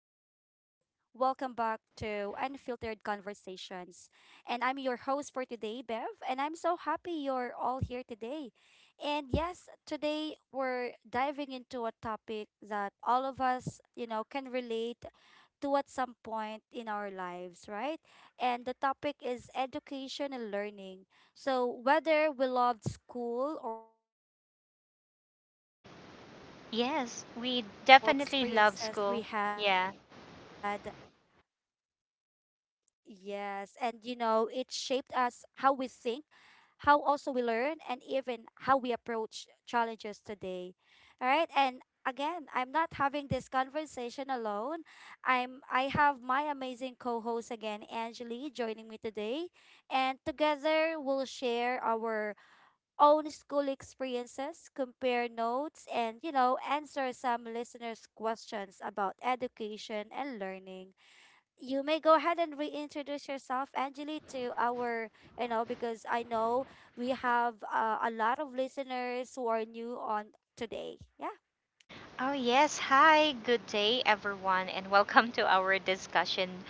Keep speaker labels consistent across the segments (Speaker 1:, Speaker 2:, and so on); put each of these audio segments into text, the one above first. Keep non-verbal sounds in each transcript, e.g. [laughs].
Speaker 1: Welcome back to Unfiltered Conversations. And I'm your host for today, Bev. And I'm so happy you're all here today. And yes, today we're diving into a topic that all of us, can relate to at some point in our lives, right? And the topic is education and learning. So, whether we loved school or struggled through it, the subjects we
Speaker 2: Yes,
Speaker 1: studied
Speaker 2: we
Speaker 1: and the
Speaker 2: definitely
Speaker 1: experiences
Speaker 2: love
Speaker 1: we
Speaker 2: school.
Speaker 1: had
Speaker 2: Yeah.
Speaker 1: yes. And it shaped us, how we think, how also we learn, and even how we approach challenges today. All right. And again, I'm not having this conversation alone. I have my amazing co-host again, Angeli, joining me today. And together we'll share our own school experiences, compare notes, and, answer some listeners' questions about education and learning. You may go ahead and reintroduce yourself, Angeli, to our, because I know we have a lot of listeners who are new on today. Yeah.
Speaker 2: Oh, yes. Hi. Good day, everyone, and welcome to our discussion.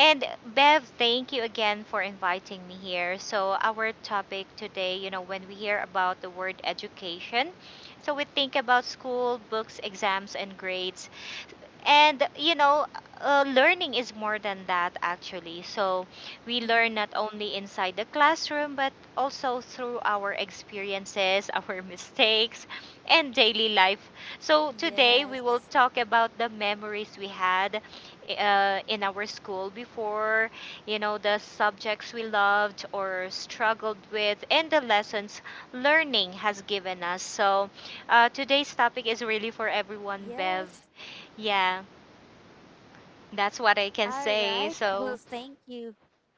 Speaker 2: And Bev, thank you again for inviting me here. So, our topic today, you know, when we hear about the word education, so we think about school, books, exams, and grades. And you know, learning is more than that actually. So we learn not
Speaker 1: Mm-hmm.
Speaker 2: only inside the classroom but also through our experiences, [laughs] our mistakes, and daily life. So today
Speaker 1: Yes.
Speaker 2: we will talk about the memories we had in our school before, you know, the subjects we loved or struggled with, and the lessons learning has given us. So today's topic is really for everyone,
Speaker 1: Yes.
Speaker 2: Bev. Yeah. That's what I can
Speaker 1: All right.
Speaker 2: say.
Speaker 1: Well,
Speaker 2: So,
Speaker 1: thank you.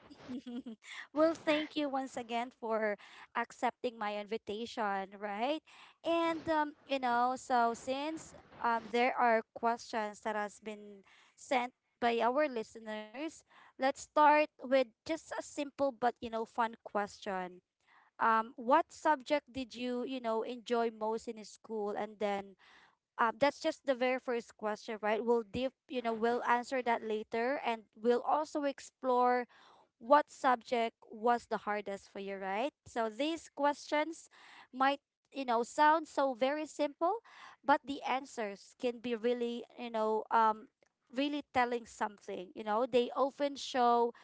Speaker 1: [laughs] Well, thank you once again for accepting my invitation, right? And so since there are questions that has been sent by our listeners, let's start with just a simple but fun question. What subject did you you know enjoy most in school? And then that's just the very first question, right? We'll deep you know we'll answer that later, and we'll also explore what subject was the hardest for you, right? So these questions might, sound so very simple, but the answers can be really, really telling something. You know, they often show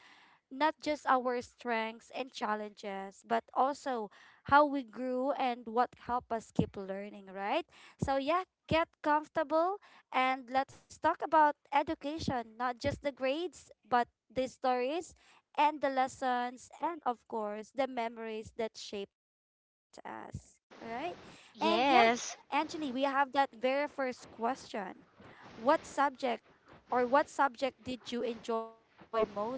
Speaker 1: not just our strengths and challenges, but also how we grew and what helped us keep learning, right? So, yeah, get comfortable and let's talk about education, not just the grades, but the stories and the lessons, and of course, the memories that shaped us, right? And yeah, Angeli,
Speaker 2: yes.
Speaker 1: we have that very first question. What subject what subject did you enjoy most in school?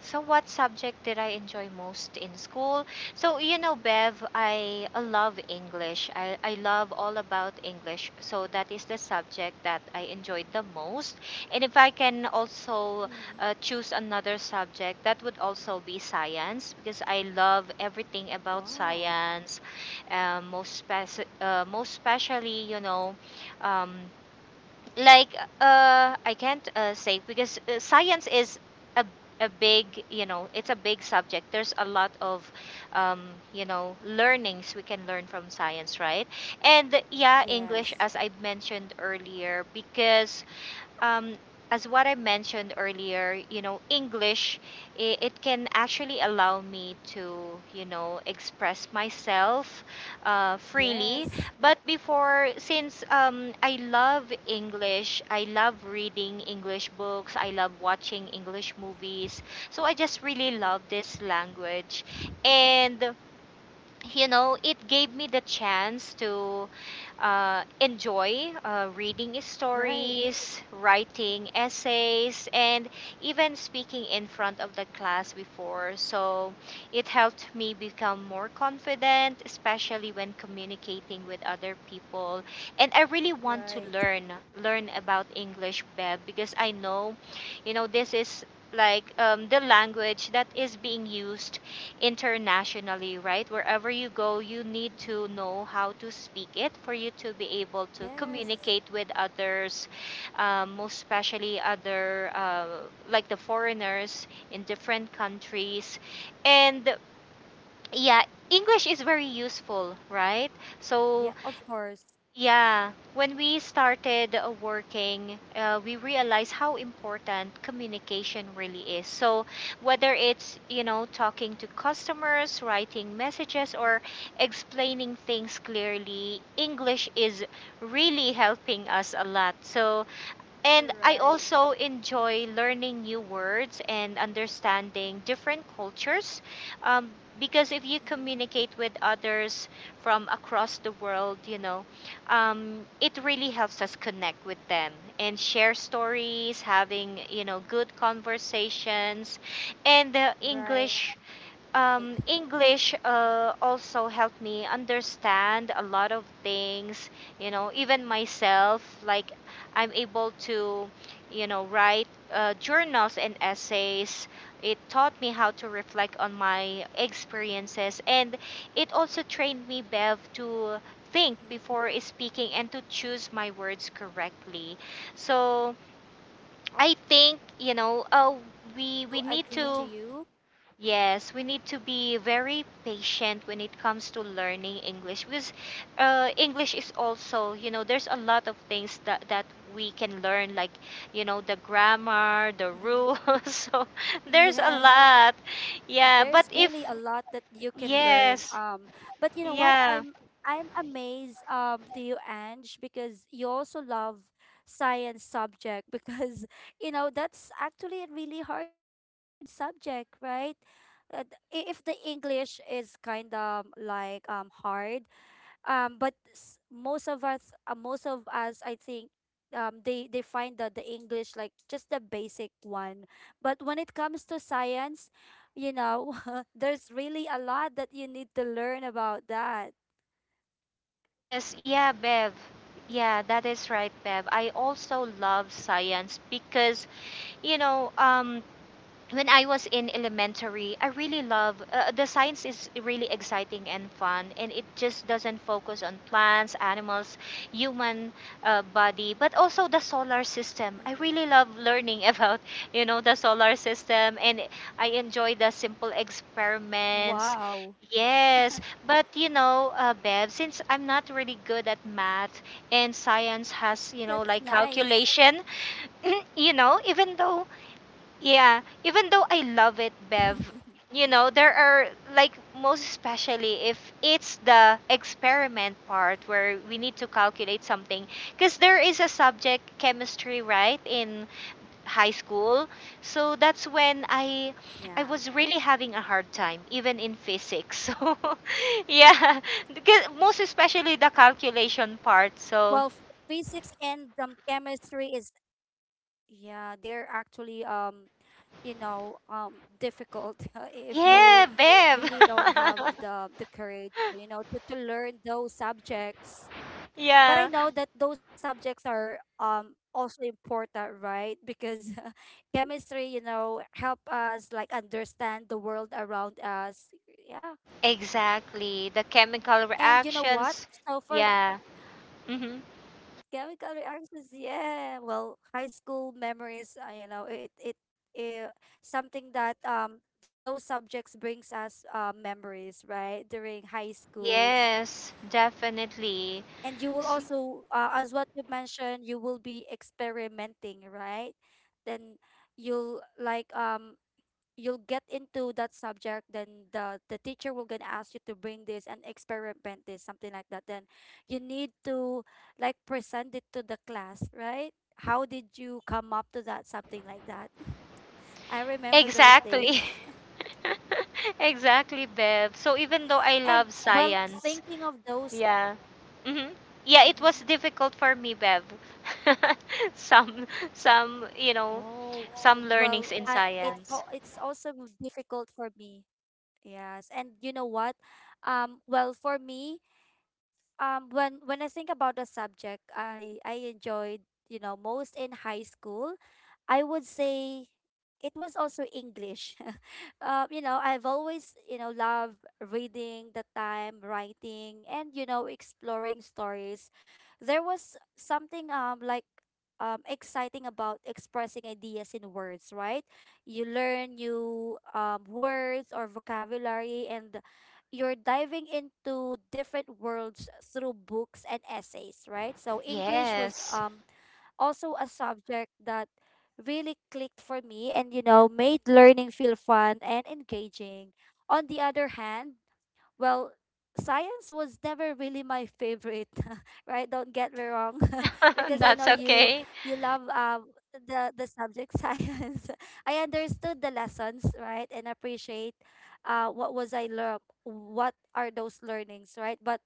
Speaker 2: So, what subject did I enjoy most in school? So, you know, Bev, I love English. I love all about English. So, that is the subject that I enjoyed the most. And if I can
Speaker 1: Mm-hmm.
Speaker 2: also choose another subject, that would also be science because I love everything about
Speaker 1: Wow.
Speaker 2: science. Um, most, spec Most especially, you know, um, like I can't say because science is a, a big, you know, it's a big subject. There's a lot of um you know, learnings we can learn from science, right? And yeah,
Speaker 1: Yes.
Speaker 2: English, as I mentioned earlier, because um, as what I mentioned earlier, you know, English, it can actually allow me to, you know, express myself freely.
Speaker 1: Yes.
Speaker 2: But before, since I love English, I love reading English books, I love watching English movies. So I just really
Speaker 1: Mhm.
Speaker 2: love this language. And you know, it gave me the chance to enjoy reading
Speaker 1: Right.
Speaker 2: stories, writing essays, and even speaking in front of the class before. So it helped me become more confident, especially when communicating with other people. And I really want to
Speaker 1: Right.
Speaker 2: learn about English, Beb, because I know, you know, this is like the language that is being used internationally, right? Wherever you go, you need to
Speaker 1: Mm-hmm.
Speaker 2: know how to speak it for you to be able to
Speaker 1: Yes.
Speaker 2: communicate with others, most especially other, like the foreigners in different countries. And yeah, English is very useful, right? So
Speaker 1: Yeah, of course.
Speaker 2: yeah, when we started working, we realized how important communication really is. So, whether it's, you know, talking to customers, writing messages,
Speaker 1: Mm-hmm.
Speaker 2: or explaining things clearly, English is really helping us a lot. So, and I
Speaker 1: Right.
Speaker 2: also enjoy learning new words and understanding different cultures um, because if you
Speaker 1: Mm-hmm.
Speaker 2: communicate with others from across the world, you know, it really helps us connect with them and share stories, having, you know, good conversations. And the
Speaker 1: Right.
Speaker 2: English also helped me understand a lot of things, you know, even myself. Like, I'm able to, you know, write journals and essays. It taught me how to reflect on my experiences, and it also trained me, Bev, to think
Speaker 1: Mm-hmm.
Speaker 2: before speaking and to choose my words correctly. So,
Speaker 1: Of course.
Speaker 2: I
Speaker 1: Well,
Speaker 2: think,
Speaker 1: you
Speaker 2: you
Speaker 1: know,
Speaker 2: know,
Speaker 1: I also
Speaker 2: we
Speaker 1: agree
Speaker 2: need
Speaker 1: to
Speaker 2: to
Speaker 1: you.
Speaker 2: Yes, we need to be very patient when it comes to learning English because English is also, you know, there's a lot of things that we can learn, like, you know, the grammar, the
Speaker 1: Mm-hmm.
Speaker 2: rules. [laughs] So there's a
Speaker 1: Yes.
Speaker 2: lot. Yeah, but
Speaker 1: There's really
Speaker 2: if,
Speaker 1: a lot that you can learn.
Speaker 2: yes,
Speaker 1: But you know what?
Speaker 2: yeah,
Speaker 1: I'm amazed to you, Ange, because you also love science subject [laughs] because you know that's actually a really hard subject, right? If the English is kind of like hard, but s- most of us I think they find that the english like just the basic one, but when it comes to science, you know, [laughs] there's really a lot that you need to learn about that.
Speaker 2: yes, yeah, Bev. Yeah, that is right, Bev. I also love science because, you know, when I was in elementary, I really love the science is really exciting and fun, and it just doesn't focus on plants, animals, human body, but also the solar
Speaker 1: Mm-hmm.
Speaker 2: system. I really love learning [laughs] about you know the solar system, and I enjoy the simple
Speaker 1: Wow.
Speaker 2: experiments. Yes, but you know, Bev, since I'm not really good at math and science
Speaker 1: That's
Speaker 2: has, you know, like
Speaker 1: nice.
Speaker 2: calculation, [clears throat] you know, even though yeah, even though I love it,
Speaker 1: [laughs]
Speaker 2: Bev, you know, there are like most especially if it's the experiment part where we need to calculate something because there is a subject chemistry, right, in high school. So that's when
Speaker 1: Yeah,
Speaker 2: I was really having a hard time even in physics. [laughs] So yeah, because most especially the calculation part.
Speaker 1: well
Speaker 2: So
Speaker 1: physics and chemistry is yeah they're actually difficult [laughs] if you
Speaker 2: yeah, Bev.
Speaker 1: really don't have
Speaker 2: [laughs]
Speaker 1: the courage, you know, to learn those subjects. But I
Speaker 2: Yeah.
Speaker 1: know that those subjects are also important, right? Because [laughs] chemistry, you know, help us like understand the world around us, yeah.
Speaker 2: Exactly. The chemical
Speaker 1: And you know what,
Speaker 2: reactions.
Speaker 1: so for
Speaker 2: Yeah. hmm
Speaker 1: Chemical reactions, yeah. Well, high school memories, you know, it something that those subjects brings us memories, right? During high schools.
Speaker 2: Yes, definitely.
Speaker 1: And you will
Speaker 2: S-
Speaker 1: also, as what you mentioned, you will be experimenting, right? Then you'll like you'll get into that subject, then the teacher will gonna ask you to bring this and experiment this, something like that, then you need to like present it to the class, right? How did you come up to that, something like that? I remember those
Speaker 2: Exactly.
Speaker 1: days.
Speaker 2: [laughs] Exactly, Bev. So even though I
Speaker 1: [laughs] And
Speaker 2: love
Speaker 1: well,
Speaker 2: science,
Speaker 1: thinking of those,
Speaker 2: yeah. hmm Yeah, it
Speaker 1: mhm.
Speaker 2: was difficult for me, Bev. [laughs] some some, you know,
Speaker 1: Oh,
Speaker 2: some learnings
Speaker 1: well
Speaker 2: in
Speaker 1: I
Speaker 2: science.
Speaker 1: it's also difficult for me. Yes. And you know what, well for me, when I think about a subject I enjoyed, you know, most in high school, I would say it was also English. [laughs] You know, I've always, you know, loved reading the time, writing, and you know, exploring stories. There was something exciting about expressing ideas in words, right? You learn new words or vocabulary, and you're diving into different worlds through books and essays, right? So English was
Speaker 2: Yes.
Speaker 1: also a subject that really clicked for me, and you know made learning feel fun and engaging. On the other hand, well, science was never really my favorite, [laughs] right? Don't get me wrong, [laughs]
Speaker 2: [laughs]
Speaker 1: because I
Speaker 2: That's
Speaker 1: know you
Speaker 2: okay.
Speaker 1: you love the subject [laughs] science. I understood the lessons, right, and appreciate what was I learn, what are those learnings, right? But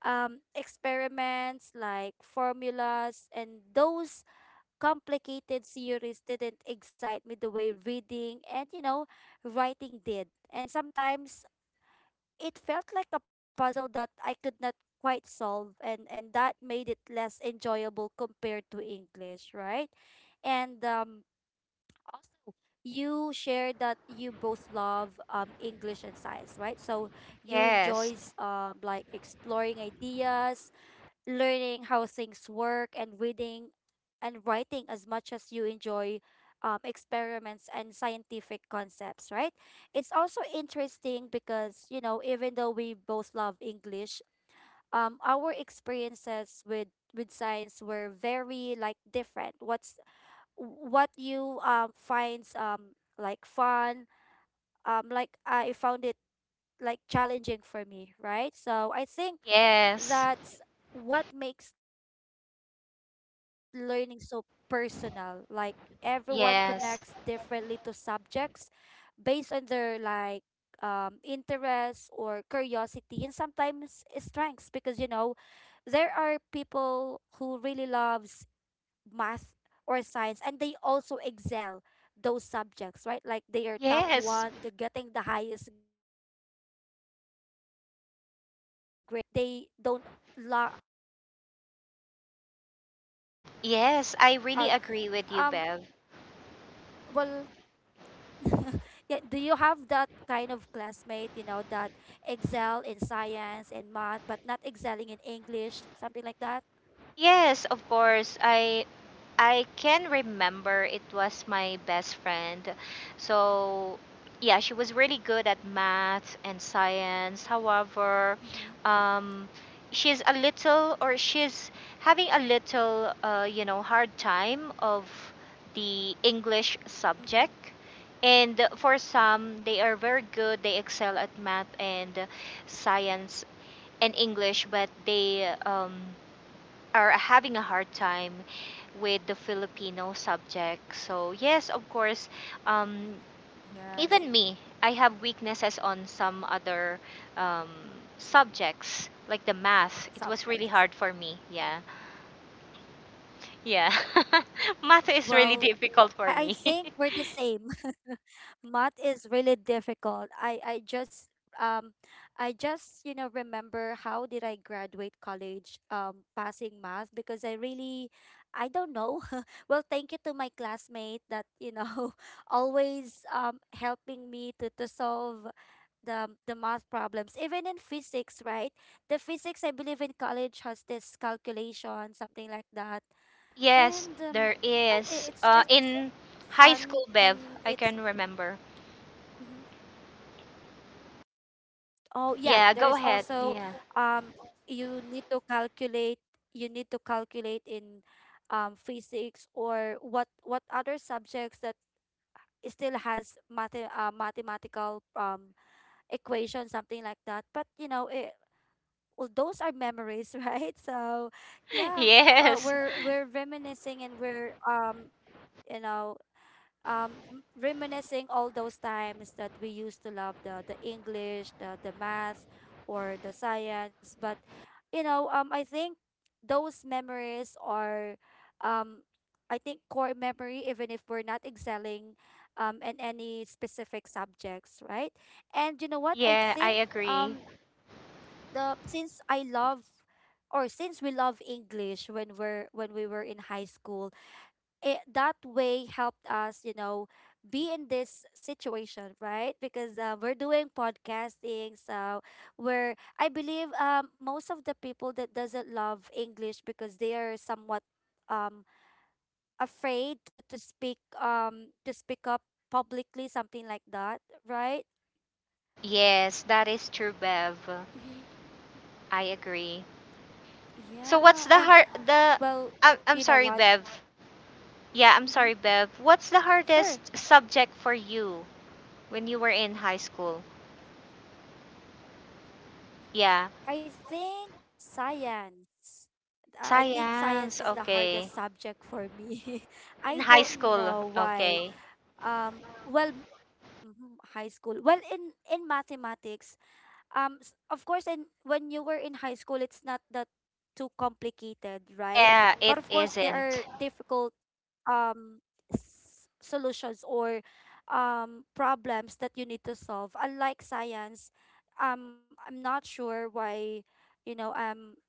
Speaker 1: experiments like formulas and those complicated theories didn't excite me the way reading and you know writing did. And sometimes it felt like a puzzle that I could not quite solve, and that made it less enjoyable compared to English, right? And also you shared that you both love English and science, right? So you
Speaker 2: Yes.
Speaker 1: enjoys like exploring ideas, learning how things work, and reading and writing as much as you enjoy experiments and scientific concepts, right? It's also interesting because, you know, even though we both love English, our experiences with science were very like different. What's what you finds like fun, like I found it like challenging for me, right? So I think
Speaker 2: Yes.
Speaker 1: that's what makes learning so personal. Like everyone connects differently to
Speaker 2: Yes.
Speaker 1: subjects based on their like interests or curiosity and sometimes strengths, because you know there are people who really love math or science, and they also excel those subjects, right? Like they are top one, the
Speaker 2: Yes.
Speaker 1: getting the highest grades in the class, something like that. And sometimes they don't they don't excel in english
Speaker 2: Yes, I
Speaker 1: vice
Speaker 2: really agree
Speaker 1: versa.
Speaker 2: with you,
Speaker 1: So
Speaker 2: Bev.
Speaker 1: um well, [laughs] yeah, do you have that kind of classmate, you know, that excel in science and math but not excelling in english, something like that?
Speaker 2: Yes, of course. I can remember it was my best friend. So, yeah, she was really good at math and science. However, um
Speaker 1: Mm-hmm.
Speaker 2: she's having a little you know, hard time of the English subject.
Speaker 1: Mm-hmm.
Speaker 2: And for some, they are very good. They excel at math and science in English, but they are having a hard time with the Filipino subject. So, yes, of course, um, even
Speaker 1: Yes,
Speaker 2: me, I have weaknesses on some other um, subjects, like the math. It was really
Speaker 1: subjects.
Speaker 2: hard for me. Yeah. Yeah. [laughs] Math is really
Speaker 1: Well,
Speaker 2: difficult for
Speaker 1: I
Speaker 2: me.
Speaker 1: think we're the same. [laughs] Math is really difficult. Um I just, you know, remember how did I graduate college passing math because I really I don't know. [laughs] Well, thank you to my classmate that, you know, [laughs] always helping me to solve the math problems. Even in physics, right? The physics I believe in college has this calculation, something like that.
Speaker 2: [laughs] Yes,
Speaker 1: And
Speaker 2: there is.
Speaker 1: it's just
Speaker 2: In high
Speaker 1: fun
Speaker 2: school, Bev,
Speaker 1: and
Speaker 2: I
Speaker 1: it's
Speaker 2: can remember.
Speaker 1: mhm. Oh yeah,
Speaker 2: Yeah,
Speaker 1: there is
Speaker 2: go ahead.
Speaker 1: also
Speaker 2: Yeah.
Speaker 1: um you need to calculate you need to calculate in physics or what other subjects that still has math, mathematical equation, something like that. But you know it, well, those are memories. [laughs] Right, so
Speaker 2: [laughs]
Speaker 1: yeah,
Speaker 2: Yes.
Speaker 1: we're reminiscing and we're you know reminiscing all those times that we used to love the English, the math or the science. But you know, I think those memories are um I think core memory, even if we're not excelling in any specific subjects, right? And you know what? I
Speaker 2: Yeah, I
Speaker 1: think
Speaker 2: agree.
Speaker 1: the since I love or since we love English when we're when we were in high school, it that way helped us, you know, be in this situation, right? Because we're doing podcasting, so we're I believe most of the people that doesn't love english because they are somewhat um afraid to speak up publicly, something like that, right?
Speaker 2: Yes, that is true, Bev.
Speaker 1: Mm-hmm.
Speaker 2: I agree. So what's
Speaker 1: Yeah.
Speaker 2: the
Speaker 1: And
Speaker 2: hard the
Speaker 1: well,
Speaker 2: I'm
Speaker 1: you know
Speaker 2: sorry,
Speaker 1: what,
Speaker 2: Bev. Yeah, I'm sorry,
Speaker 1: mm-hmm,
Speaker 2: Bev. What's the hardest
Speaker 1: sure.
Speaker 2: subject for you when you were in high school? Yeah,
Speaker 1: I think science. I think science
Speaker 2: science.
Speaker 1: is the
Speaker 2: Okay.
Speaker 1: hardest subject for me. [laughs]
Speaker 2: In
Speaker 1: I
Speaker 2: high
Speaker 1: don't
Speaker 2: school.
Speaker 1: know why.
Speaker 2: Okay.
Speaker 1: Well, mhm, high school. Well, in mathematics, of course, in when you were in high school, it's not that too complicated, right?
Speaker 2: Yeah,
Speaker 1: But
Speaker 2: it
Speaker 1: of course, there are
Speaker 2: isn't.
Speaker 1: difficult um solutions or problems that you need to solve, unlike science. I'm not sure why, you know, um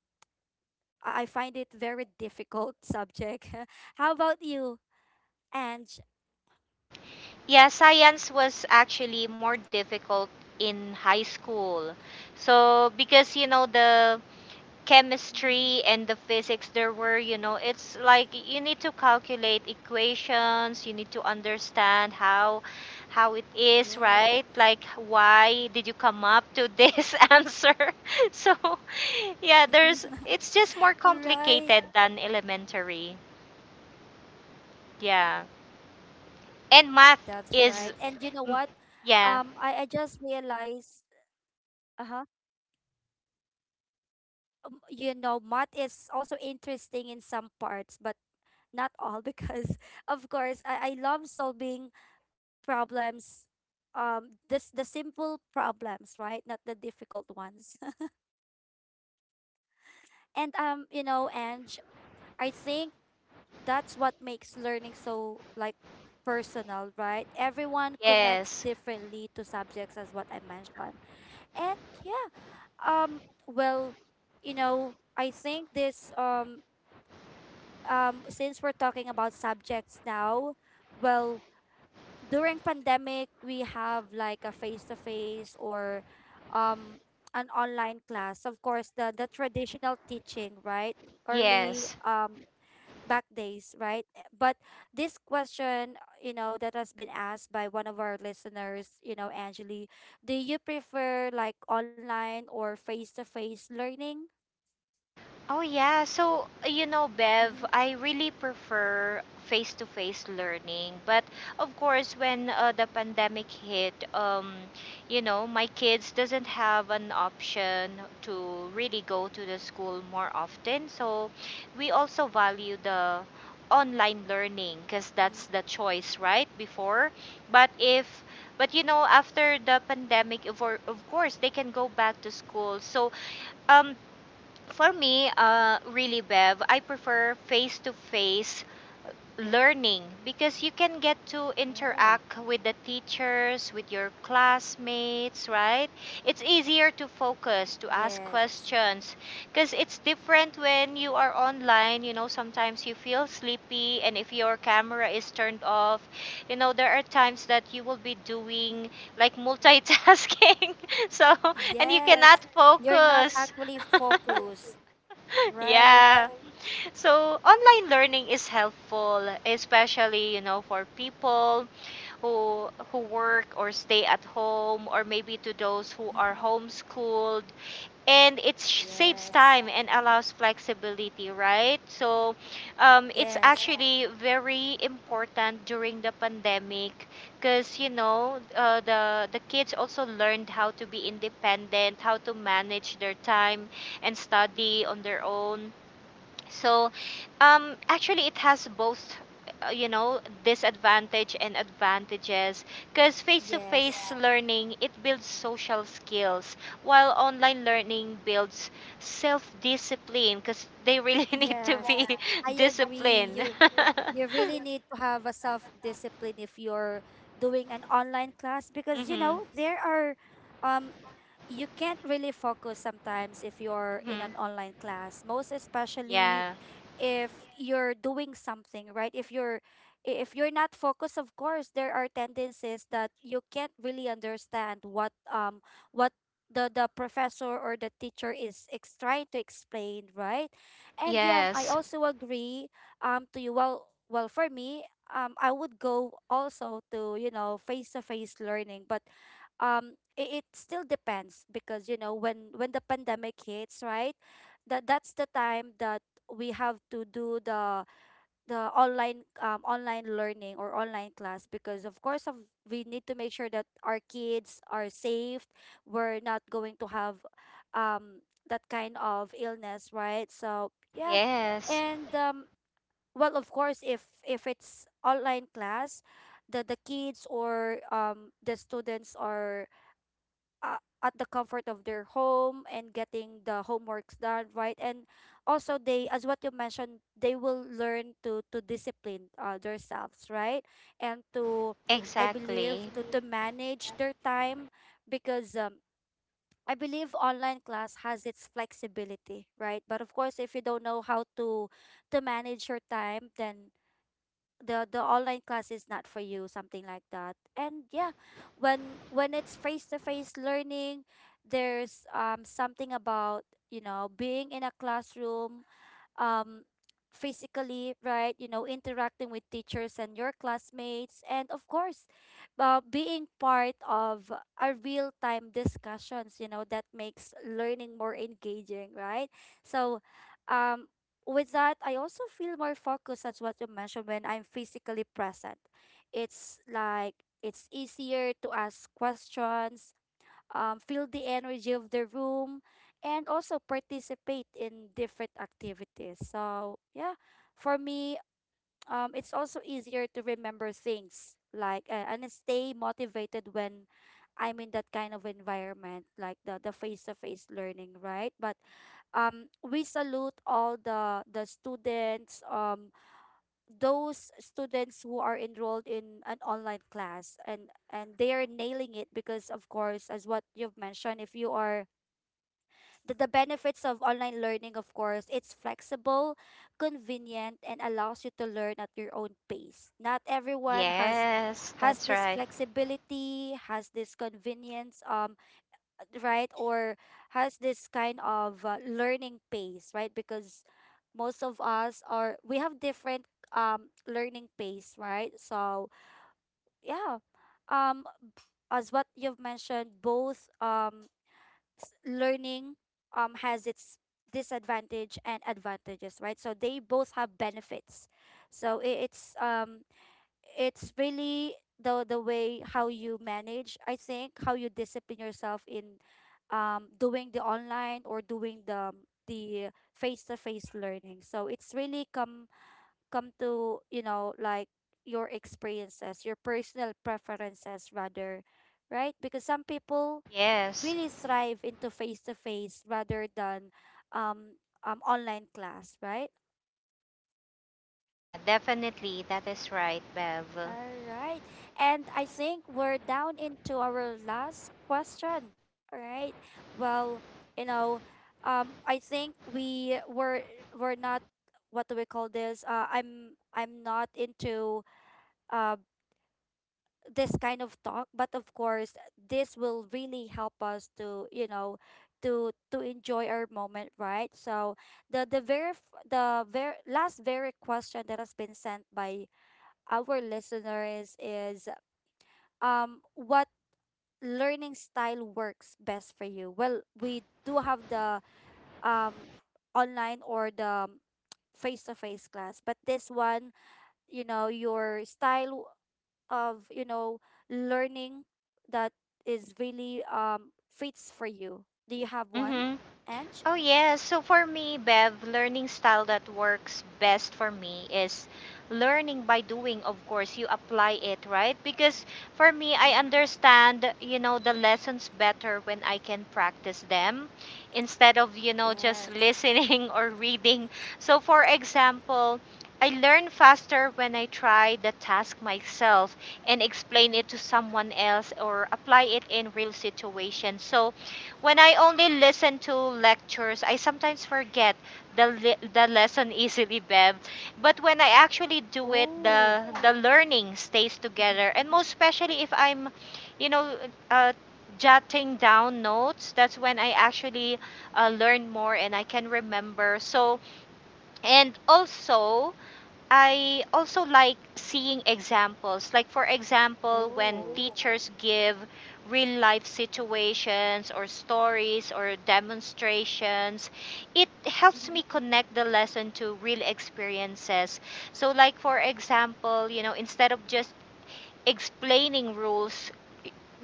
Speaker 1: i I find it very difficult [laughs] subject. [laughs] How about you, Ange?
Speaker 2: Yeah, science was actually more difficult in high school. So because you know the
Speaker 1: Hmm,
Speaker 2: chemistry and the physics, there were, you know, it's like you need to calculate equations, you need to understand how it is,
Speaker 1: yes.
Speaker 2: right? Like, why did you come up to this [laughs] answer? [laughs] So yeah, there's,
Speaker 1: [laughs]
Speaker 2: it's just more complicated
Speaker 1: right,
Speaker 2: than elementary. Yeah. And math
Speaker 1: that's
Speaker 2: is,
Speaker 1: right. And you know
Speaker 2: mm,
Speaker 1: what?
Speaker 2: yeah.
Speaker 1: I just realized, uh-huh, math is also interesting in some parts but not all because, [laughs] of course, I love solving problems, this, the simple problems, right? Not the difficult ones. [laughs] and you know and I think that's what makes learning so, like, personal, right? Everyone connects
Speaker 2: Yes.
Speaker 1: differently to subjects, as what I mentioned. And yeah, um well I think this since we're talking about subjects now, well, during pandemic we have like a face to face or, um an online class, of course, the traditional teaching, right? early
Speaker 2: Yes.
Speaker 1: um back days, right? Eh, but this question, you know, that has been asked by one of our listeners, you know, Angeli, do you prefer like online or face to face learning?
Speaker 2: Oh yeah, so you know,
Speaker 1: Mhm.
Speaker 2: Bev, I really prefer face-to-face learning. But of course, when the pandemic hit, you know, my kids doesn't have an option to really go to the school more often. So we also value the online learning
Speaker 1: Mhm.
Speaker 2: because that's the choice, right? Before, but if but you know, after the pandemic of course they can go back to school. So um for me, really, Bev, I prefer face to face learning because you can get to interact
Speaker 1: Oh
Speaker 2: with the teachers, with your classmates, right? It's easier to focus, to ask
Speaker 1: yes.
Speaker 2: questions because it's different when you are online. You know, sometimes you feel sleepy, and if your camera is turned off, you know, there are times that you will be doing like multitasking. [laughs] So, and you cannot
Speaker 1: Yes, you're not
Speaker 2: focus.
Speaker 1: actually focused.
Speaker 2: [laughs]
Speaker 1: Right.
Speaker 2: Yeah. So online learning is helpful, especially you know, for people who work or stay at home, or maybe to those who are
Speaker 1: [laughs]
Speaker 2: homeschooled. And it saves
Speaker 1: Yes,
Speaker 2: time and allows flexibility, right? So it's
Speaker 1: yes,
Speaker 2: actually very important during the pandemic because you know, the kids also learned how to be independent, how to manage their time and study on their own. So, actually, it has both, you know, disadvantage and advantages. Because face-to-face
Speaker 1: yes,
Speaker 2: learning it builds social skills, while online learning builds self-discipline. Because they really [laughs] need to
Speaker 1: yes,
Speaker 2: be [laughs]
Speaker 1: I agree.
Speaker 2: disciplined.
Speaker 1: You
Speaker 2: [laughs]
Speaker 1: you really need to have a self-discipline if you're doing an online class,
Speaker 2: Mm-hmm,
Speaker 1: because you
Speaker 2: mm-hmm.
Speaker 1: know there are, um you can't really focus sometimes if you're in an online class, most especially
Speaker 2: Yeah.
Speaker 1: if you're doing something, right? If you're if you're not focused, of course there are tendencies that you can't really understand what what the professor or the teacher is trying to explain, right? And yeah, I
Speaker 2: Yes.
Speaker 1: also agree, to you. Well, for me, I would go also to, you know, face to face learning, but it still depends, because you know, when the pandemic hits, right? That's the time that we have to do the online learning or online class, because of course of, we need to make sure that our kids are safe, we're not going to have, um that kind of illness, right? So yeah.
Speaker 2: Yes.
Speaker 1: And well, of course, if it's online class, the kids or the students are uh, at the comfort of their home and getting the homeworks done, right? And also they, as what you mentioned, they will learn to discipline themselves, right? And to, I believe,
Speaker 2: Exactly.
Speaker 1: to manage their time, because I believe online class has its flexibility, right? But of course if you don't know how to manage your time, then the online class is not for you, something like that. And yeah, when it's face to face learning, there's something about, you know, being in a classroom, um, physically, right? You know, interacting with teachers and your classmates, and of course, being part of a real time discussions. You know, that makes learning more engaging, right? So, um. with that, I also feel more focused, as what you mentioned, when I'm physically present. It's like it's easier to ask questions, feel the energy of the room, and also participate in different activities. So, yeah, for me, it's also easier to remember things like and stay motivated when I'm in that kind of environment, like the face to face learning, right? But we salute all the students. Those students who are enrolled in an online class and they are nailing it, because of course, as what you've mentioned, if you are the benefits of online learning, of course, it's flexible, convenient and allows you to learn at your own pace. Not everyone has
Speaker 2: Yes, that's
Speaker 1: this
Speaker 2: right.
Speaker 1: flexibility, has this convenience, right, or has this kind of learning pace, right? Because most of us are, we have different learning pace, right? So yeah. Um, as what you've mentioned, both learning, has its disadvantage and advantages, right? So they both have benefits. So it's really the way how you manage, I think, how you discipline yourself in, doing the online or doing the face-to-face learning. So it's really come to, you know, like your experiences, your personal preferences rather, right? Because some people
Speaker 2: Yes.
Speaker 1: really thrive into face-to-face rather than, um, online class, right?
Speaker 2: Yeah, definitely. That is right, Bev.
Speaker 1: All right. And I think we're down into our last question. All right. Well, you know, I think we were, we're not, what do we call this? I'm not into uh this kind of talk, but of course this will really help us to, you know, to enjoy our moment, right? So the very last very question that has been sent by our listeners is, what learning style works best for you? Well, we do have the, um online or the face to face class, but this one, you know, your style of, you know, learning that is really, fits for you. Do you have one,
Speaker 2: Mm-hmm.
Speaker 1: Ange?
Speaker 2: Oh yes. So for me, Bev, learning style that works best for me is learning by doing. Of course, you apply it, right? Because for me, I
Speaker 1: Mm-hmm.
Speaker 2: understand, you know, the lessons better when I can practice them instead of, you know, just
Speaker 1: Yes.
Speaker 2: listening [laughs] or reading. So for example, I learn faster when I try the task myself and explain
Speaker 1: Mm-hmm.
Speaker 2: it to someone else or apply it in real situations. So when I only listen to lectures, I sometimes forget the lesson easily, Bev. But when I actually do it,
Speaker 1: Oh.
Speaker 2: the learning stays
Speaker 1: Mm-hmm.
Speaker 2: together. And most especially if I'm, you know, uh, jotting down notes, that's when I actually learn more and I can remember. So, and also, I also like seeing examples. Like, for example, when Oh,
Speaker 1: Oh.
Speaker 2: teachers give real life situations or stories or demonstrations, it helps me
Speaker 1: Mm-hmm.
Speaker 2: connect the lesson to real experiences. So, like, for example, you know, instead of just explaining rules,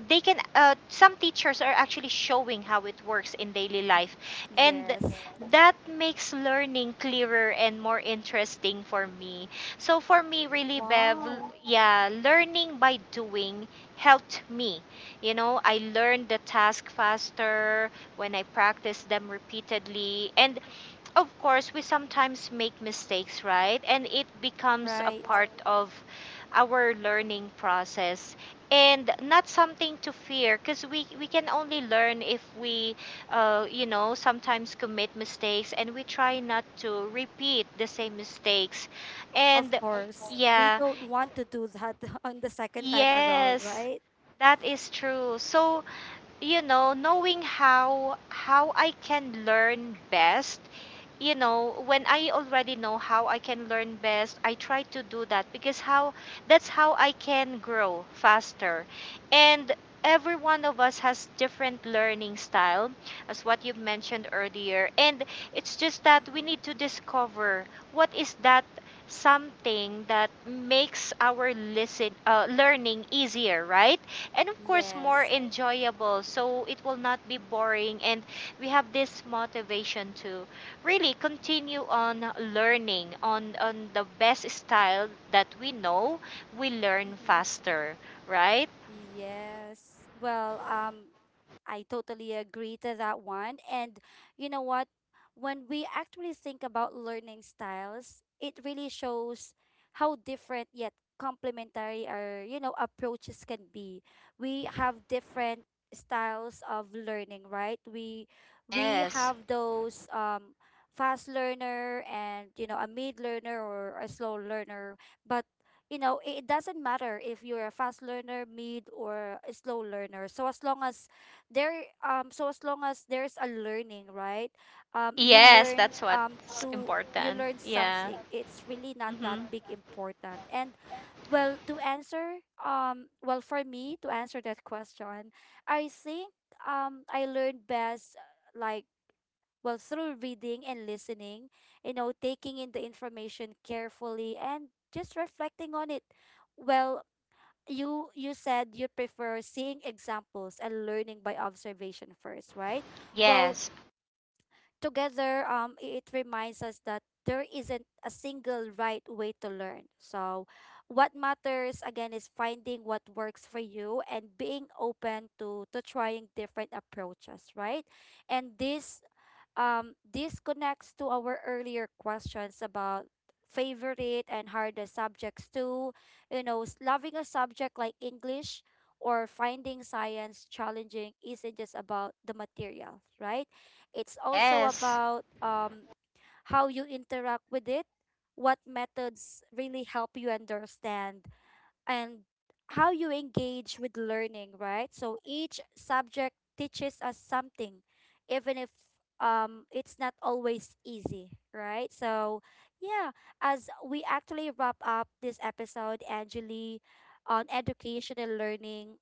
Speaker 2: they can, some teachers are actually showing how it works in daily
Speaker 1: y-
Speaker 2: life, and
Speaker 1: yes.
Speaker 2: that makes learning clearer and more interesting for me. So for me, really, Bev,
Speaker 1: Wow.
Speaker 2: yeah, learning by doing helped me, you know, I learned the task faster when I practiced them repeatedly. And of course, we sometimes make mistakes, right? And it becomes a
Speaker 1: Right.
Speaker 2: part of our learning process and not something to fear because we can only learn if we, you know, sometimes commit mistakes, and we try not to repeat the same mistakes.
Speaker 1: Of
Speaker 2: And
Speaker 1: course, we
Speaker 2: yeah,
Speaker 1: don't want to do that [laughs] on the second time around,
Speaker 2: yes,
Speaker 1: right?
Speaker 2: that is true. So you know, knowing how I can learn best, you know, when I already know how I can learn best, I try to do that because how that's how I can grow faster. And every one of us has different learning style, as what you mentioned earlier. And it's just that we
Speaker 1: Mm-hmm.
Speaker 2: need to discover what is that something that makes our listen learning easier, right? And of course more
Speaker 1: Yes.
Speaker 2: enjoyable, so it will not be boring, and we have this motivation to really continue on learning on the best style that we know we learn
Speaker 1: Mm-hmm.
Speaker 2: faster, right?
Speaker 1: Yes. Well, I totally agree to that one. And you know what? When we actually think about learning styles, it really shows how different yet complementary our, you know, approaches can be. We have different styles of learning, right? We
Speaker 2: Yes.
Speaker 1: have those, fast learner, and you know, a mid learner or a slow learner, but you know, it doesn't matter if you're a fast learner, mid, or a slow learner. So as long as there, so as long as there's a learning, right? You
Speaker 2: Yes,
Speaker 1: learn,
Speaker 2: that's what's
Speaker 1: to you
Speaker 2: important.
Speaker 1: learn
Speaker 2: Yeah.
Speaker 1: something. It's really not that
Speaker 2: Mm-hmm.
Speaker 1: big important. And well, to answer, well, for me to answer that question, I think, I learned best, like, well, through reading and listening, you know, taking in the information carefully and just reflecting on it. Well, you said you prefer seeing examples and learning by observation first, right? Well,
Speaker 2: Yes.
Speaker 1: together, it reminds us that there isn't a single right way to learn. So what matters again is finding what works for you and being open to trying different approaches, right? And this connects to our earlier questions about favorite and hardest subjects too. You know, loving a subject like English or finding science challenging isn't just about the material, right? It's also
Speaker 2: Yes.
Speaker 1: about, how you interact with it, what methods really help you understand, and how you engage with learning, right? So each subject teaches us something, even if, it's not always easy, right? So, yeah, as we actually wrap up this episode, Angeli, on education and learning,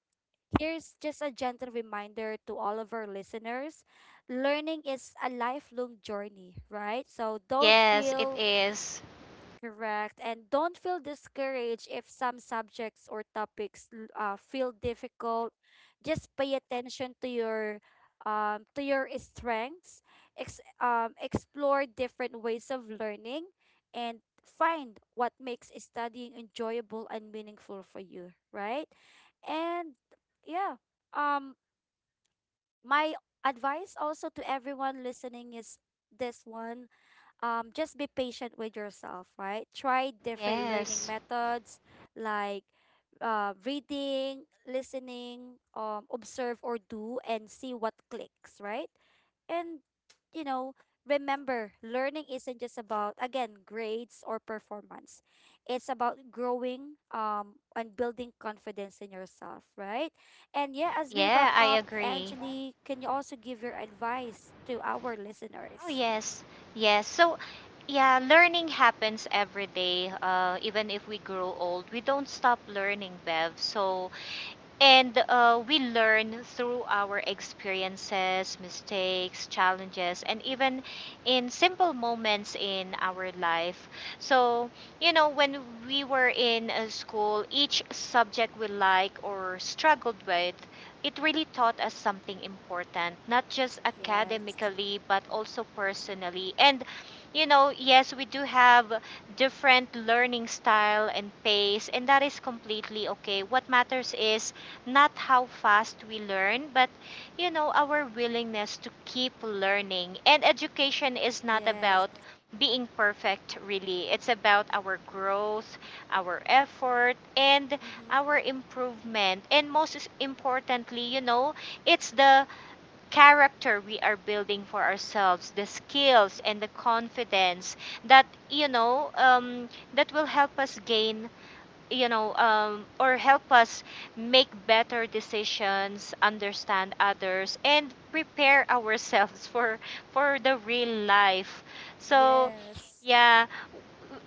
Speaker 1: here's just a gentle reminder to all of our listeners: learning is a lifelong journey, right? So don't
Speaker 2: Yes, it
Speaker 1: feel.
Speaker 2: is.
Speaker 1: Correct. And don't feel discouraged if some subjects or topics feel difficult. Just pay attention to your, to your strengths, explore different ways of learning, and find what makes studying enjoyable and meaningful for you, right? And yeah, um, my advice also to everyone listening is this one, just be patient with yourself, right? Try different learning
Speaker 2: Yes.
Speaker 1: methods like, reading, listening, observe or do, and see what clicks, right? And, you know, remember, learning isn't just about, again, grades or performance. It's about growing, and building confidence in yourself, right? And yeah, as we wrap
Speaker 2: Yeah, I
Speaker 1: up,
Speaker 2: agree.
Speaker 1: Angeli, can you also give your advice to our
Speaker 2: Oh
Speaker 1: listeners?
Speaker 2: yes, yes. So, yeah, learning happens every day. Even if we grow old, we don't stop learning, Bev. So and we learn through our experiences, mistakes, challenges, and even in simple moments in our life. So, you know, when we were in school, each subject we like or struggled with, it really taught us something important, not just
Speaker 1: Yes.
Speaker 2: academically, but also personally. And, you know, yes, we do have different learning style and pace, and that is completely okay. What matters is not how fast we learn, but you know, our willingness to keep learning. And education is not
Speaker 1: Yes.
Speaker 2: about being perfect, really. It's about our growth, our effort, and
Speaker 1: Mm-hmm.
Speaker 2: our improvement. And importantly, you know, it's the character we are building for ourselves, the skills and the confidence that, you know, that will help us gain you know, or help us make better decisions, understand others, and prepare ourselves [laughs] for the real life. So,
Speaker 1: Yes.
Speaker 2: yeah,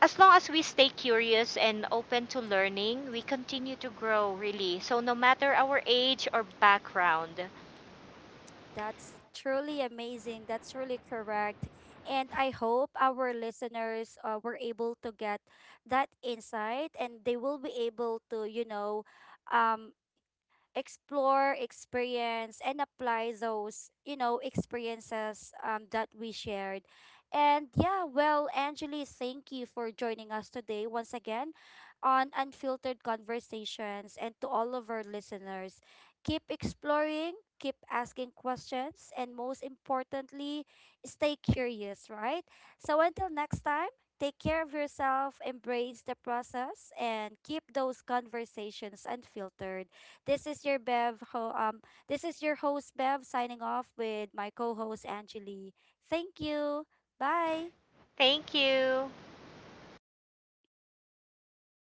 Speaker 2: as long as we stay curious and open to learning, we continue to grow. Really, so no matter our age or background.
Speaker 1: That's truly amazing. That's really correct. And I hope our listeners, were able to get that insight and they will be able to, you know, um, explore, experience, and apply those, you know, experiences, that we shared. And yeah, well, Angeli, thank you for joining us today once again on Unfiltered Conversations. And to all of our listeners, keep exploring, keep asking questions, and most importantly, stay curious, right? So until next time, take care of yourself, embrace the process, and keep those conversations unfiltered. This is your this is your host Bev, signing off with my co-host Angeli. Thank you. Bye.
Speaker 2: Thank you.